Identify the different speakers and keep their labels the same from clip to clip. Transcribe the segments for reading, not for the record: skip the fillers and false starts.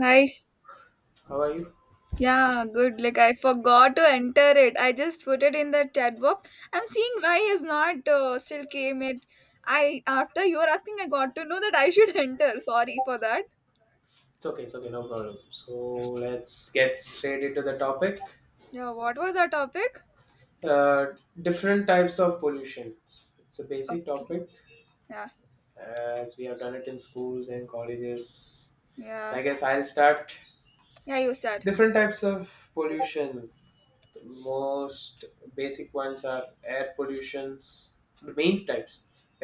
Speaker 1: Hi.
Speaker 2: How are you?
Speaker 1: Yeah, good. Like I forgot to enter it. I just put it in the chat box. I'm seeing why is not still came it. I after you were asking, I got to know that I should enter. Sorry for that.
Speaker 2: It's okay, no problem. So let's get straight into the topic.
Speaker 1: Yeah. What was our topic?
Speaker 2: Uh, Different types of pollution. It's a
Speaker 1: Oh,
Speaker 2: basic topic
Speaker 1: yeah.
Speaker 2: as we have done it in schools and colleges. So
Speaker 1: Yeah.
Speaker 2: I guess I'll start.
Speaker 1: Yeah. You start.
Speaker 2: Different types of pollutions, the most basic ones are air pollutions. The main types: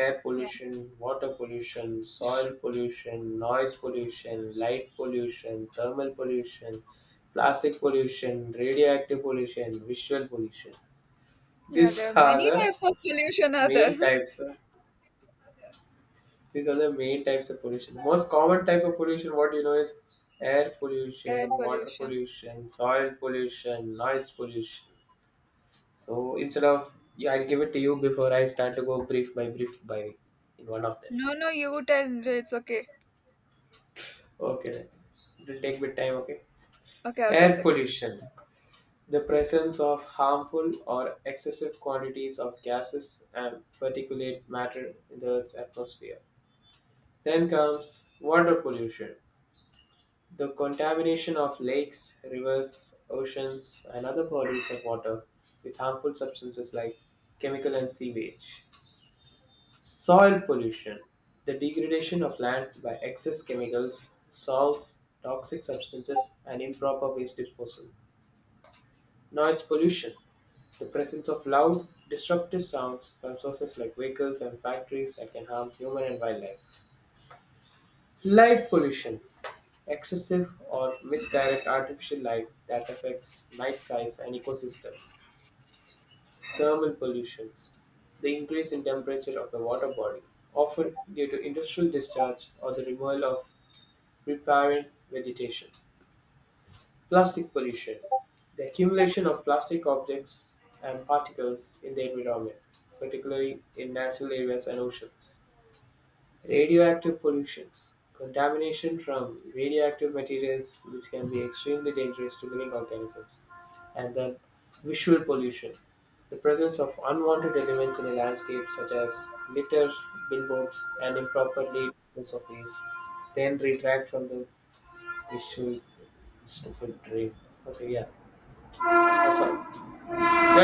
Speaker 2: air
Speaker 1: Yeah.
Speaker 2: pollution, water pollution, soil pollution, noise pollution, light pollution, thermal pollution, plastic pollution, radioactive pollution, visual pollution.
Speaker 1: Yeah. There
Speaker 2: these
Speaker 1: are
Speaker 2: are
Speaker 1: many
Speaker 2: the
Speaker 1: types of pollution. Are there
Speaker 2: main types of These are the main types of pollution. The most common type of pollution, what you know, is air
Speaker 1: air
Speaker 2: pollution, water
Speaker 1: pollution?
Speaker 2: pollution, soil pollution, noise pollution. So instead of, yeah, I'll give it to you before I start to go brief by in one of them.
Speaker 1: No. No. You tell. It's okay.
Speaker 2: Okay, then. It'll take bit time, okay.
Speaker 1: Okay. Okay. It's
Speaker 2: Air
Speaker 1: okay.
Speaker 2: pollution. The presence of harmful or excessive quantities of gases and particulate matter in the Earth's atmosphere. Then comes water pollution. The contamination of lakes, rivers, oceans, and other bodies of water with harmful substances like chemical and sewage. Soil pollution, the degradation of land by excess chemicals, salts, toxic substances, and improper waste disposal. Noise pollution, the presence of loud, disruptive sounds from sources like vehicles and factories that can harm human and wildlife. Light pollution, excessive or misdirect artificial light that affects night skies and ecosystems. Thermal pollutions, the increase in temperature of the water body, often due to industrial discharge or the removal of riparian vegetation. Plastic pollution, the accumulation of plastic objects and particles in the environment, particularly in natural areas and oceans. Radioactive pollutions. Contamination from radioactive materials, which can be extremely dangerous to living organisms. And then visual pollution. The presence of unwanted elements in a landscape, such as litter, billboards, and improperly disposed of waste, then retract from the visual stupid dream. Okay, yeah, that's all. Your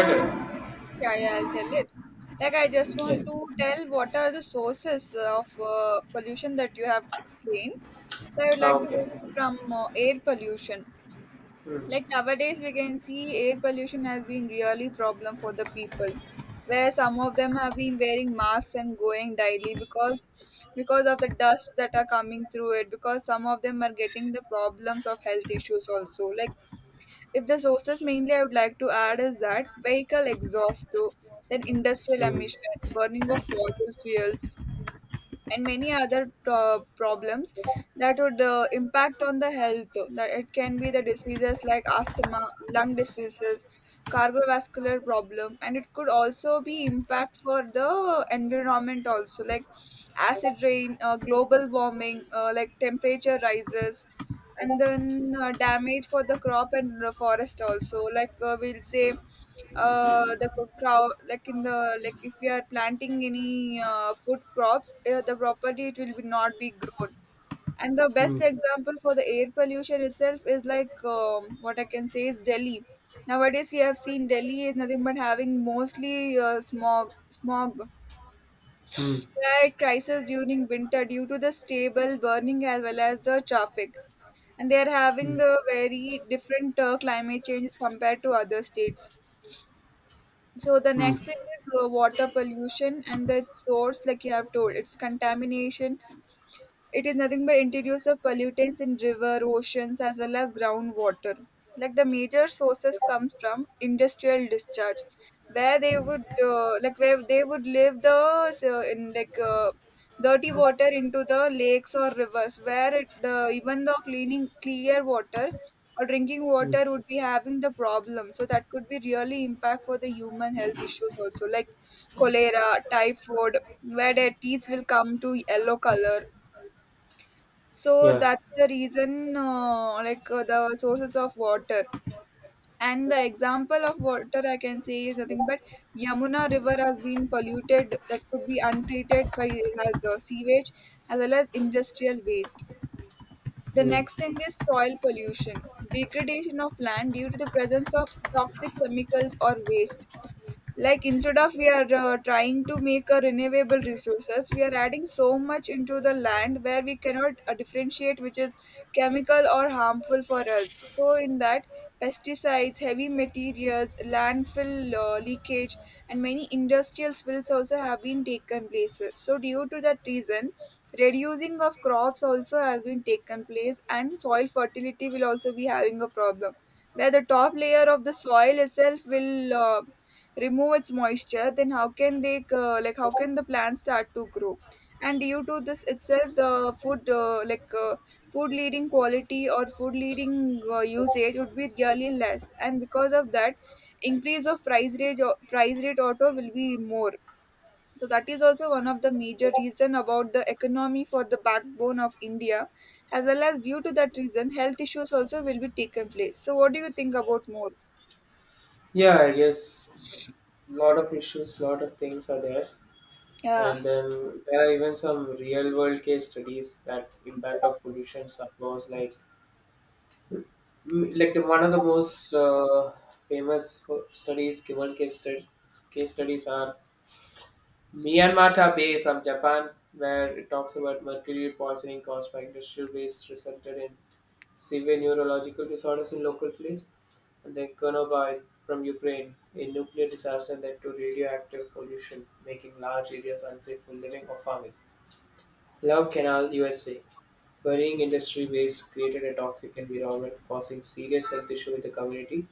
Speaker 2: turn.
Speaker 1: Yeah, yeah, I'll tell it. Like, I just want to
Speaker 2: Yes.
Speaker 1: tell what are the sources of pollution that you have explained. So, I would
Speaker 2: Ah,
Speaker 1: like to
Speaker 2: okay.
Speaker 1: go from air pollution.
Speaker 2: Hmm.
Speaker 1: Like nowadays, we can see air pollution has been really problem for the people, where some of them have been wearing masks and going daily because of the dust that are coming through it. Because some of them are getting the problems of health issues also. Like if the sources mainly I would like to add is that vehicle exhaust too, then industrial
Speaker 2: Hmm.
Speaker 1: emission, burning of fossil fuels, and many other problems that would impact on the health. That it can be the diseases like asthma, lung diseases, cardiovascular problem, and it could also be impact for the environment also like acid rain, global warming, like temperature rises and then damage for the crop and the forest also like we'll say crop like in the like if we are planting any food crops the property it will be not be grown. And the best
Speaker 2: Hmm.
Speaker 1: example for the air pollution itself is like what I can say is Delhi. Nowadays we have seen Delhi is nothing but having mostly smog
Speaker 2: Hmm.
Speaker 1: had crisis during winter due to the stable burning as well as the traffic. And they are having
Speaker 2: Hmm.
Speaker 1: the very different climate changes compared to other states. So the
Speaker 2: Hmm.
Speaker 1: next thing is water pollution, and the source, like you have told, it's contamination. It is nothing but introduce of pollutants in river, oceans, as well as groundwater. Like the major sources comes from industrial discharge, where they would where they would leave the so in like dirty water into the lakes or rivers, where it, the even the cleaning clear water or drinking
Speaker 2: Hmm.
Speaker 1: water would be having the problem. So that could be really impact for the human health issues also, like cholera, typhoid, where their teeth will come to yellow color, so
Speaker 2: Yeah.
Speaker 1: that's the reason, the sources of water. And the example of water I can say is nothing but Yamuna River has been polluted that could be untreated by has sewage as well as industrial waste. The
Speaker 2: Hmm.
Speaker 1: next thing is soil pollution, degradation of land due to the presence of toxic chemicals or waste, like instead of we are trying to make a renewable resources we are adding so much into the land where we cannot differentiate which is chemical or harmful for us. So in that, pesticides, heavy materials, landfill leakage, and many industrial spills also have been taken places. So due to that reason, reducing of crops also has been taken place and soil fertility will also be having a problem, where the top layer of the soil itself will remove its moisture, then how can they how can the plants start to grow. And due to this itself the food food leading quality or food leading usage would be really less, and because of that, increase of price rate, price rate auto will be more. So that is also one of the major reason about the economy for the backbone of India, as well as due to that reason health issues also will be taken place. So what do you think about more?
Speaker 2: Yeah, I guess lot of issues, lot of things are there,
Speaker 1: Yeah.
Speaker 2: and then there are even some real world case studies that impact of pollution suppose like like the one of the most famous studies world case studies are Myanmata Bay from Japan, where it talks about mercury poisoning caused by industrial waste resulted in severe neurological disorders in local place. The Chernobyl from Ukraine, a nuclear disaster that to radioactive pollution, making large areas unsafe for living or farming. Love Canal, USA, burying industry waste created a toxic environment, causing serious health issue in the community.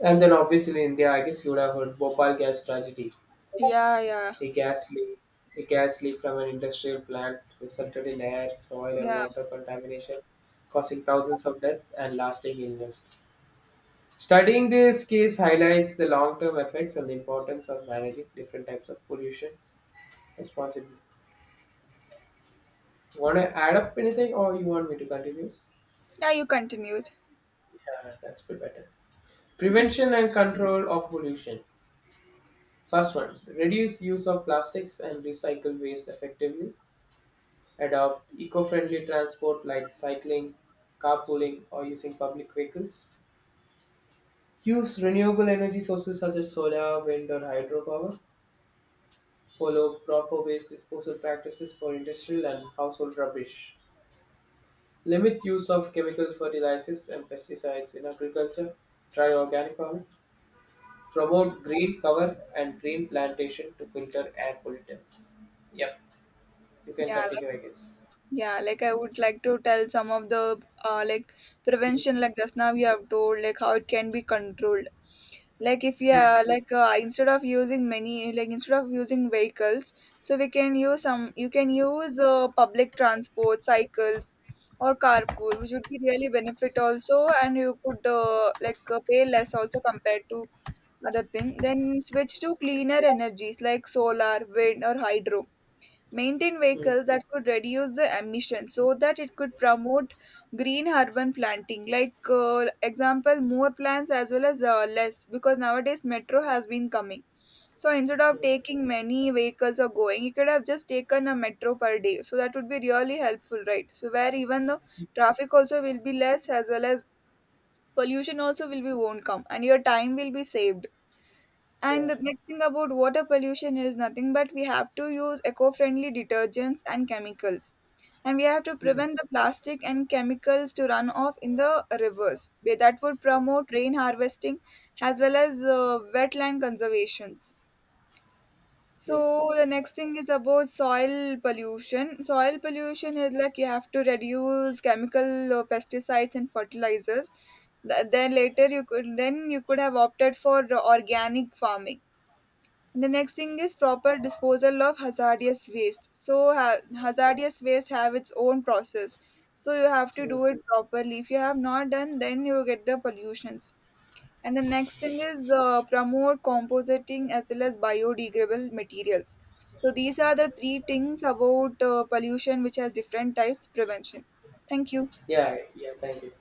Speaker 2: And then, obviously, India, I guess you would have heard Bhopal gas tragedy,
Speaker 1: Yeah. Yeah.
Speaker 2: a gas leak. A gas leak from an industrial plant resulted in air, soil, and
Speaker 1: Yeah.
Speaker 2: water contamination, causing thousands of deaths and lasting illness. Studying this case highlights the long-term effects and the importance of managing different types of pollution responsibly. You want to add up anything, or you want me to continue?
Speaker 1: Yeah, you continued.
Speaker 2: Yeah, that's bit better.
Speaker 1: Okay.
Speaker 2: Prevention and control of pollution. First one, reduce use of plastics and recycle waste effectively. Adopt eco-friendly transport like cycling, carpooling, or using public vehicles. Use renewable energy sources such as solar, wind, or hydropower. Follow proper waste disposal practices for industrial and household rubbish. Limit use of chemical fertilizers and pesticides in agriculture. Try organic farming. Promote green cover and green plantation to filter air pollutants. Yep, you can
Speaker 1: Yeah, like
Speaker 2: continue, I guess.
Speaker 1: yeah, like I would like to tell some of the
Speaker 2: Mm,
Speaker 1: prevention, like just now you have told, like how it can be controlled. Like if
Speaker 2: mm,
Speaker 1: yeah, like instead of using vehicles, so we can use some. You can use public transport, cycles, or carpool, which would be really benefit also, and you could pay less also compared to other thing. Then switch to cleaner energies like solar, wind, or hydro. Maintain
Speaker 2: mm,
Speaker 1: vehicles that could reduce the emissions so that it could promote green urban planting, like example more plants as well as less. Because nowadays metro has been coming, so instead of taking many vehicles or going you could have just taken a metro per day, so that would be really helpful, right? So where even the traffic also will be less as well as pollution also will be won't come and your time will be saved. And
Speaker 2: yeah,
Speaker 1: the next thing about water pollution is nothing but we have to use eco friendly detergents and chemicals. And we have to
Speaker 2: mm,
Speaker 1: prevent the plastic and chemicals to run off in the rivers. That would promote rain harvesting as well as wetland conservations.
Speaker 2: yeah,
Speaker 1: So the next thing is about soil pollution. Soil pollution is like you have to reduce chemical pesticides and fertilizers. Then you could have opted for organic farming. The next thing is proper disposal of hazardous waste. So hazardous waste have its own process. So you have to
Speaker 2: mm.
Speaker 1: do it properly. If you have not done, then you get the pollutions. And the next thing is promote compositing as well as biodegradable materials. So these are the three things about pollution which has different types prevention. Thank you.
Speaker 2: Yeah, yeah, thank you.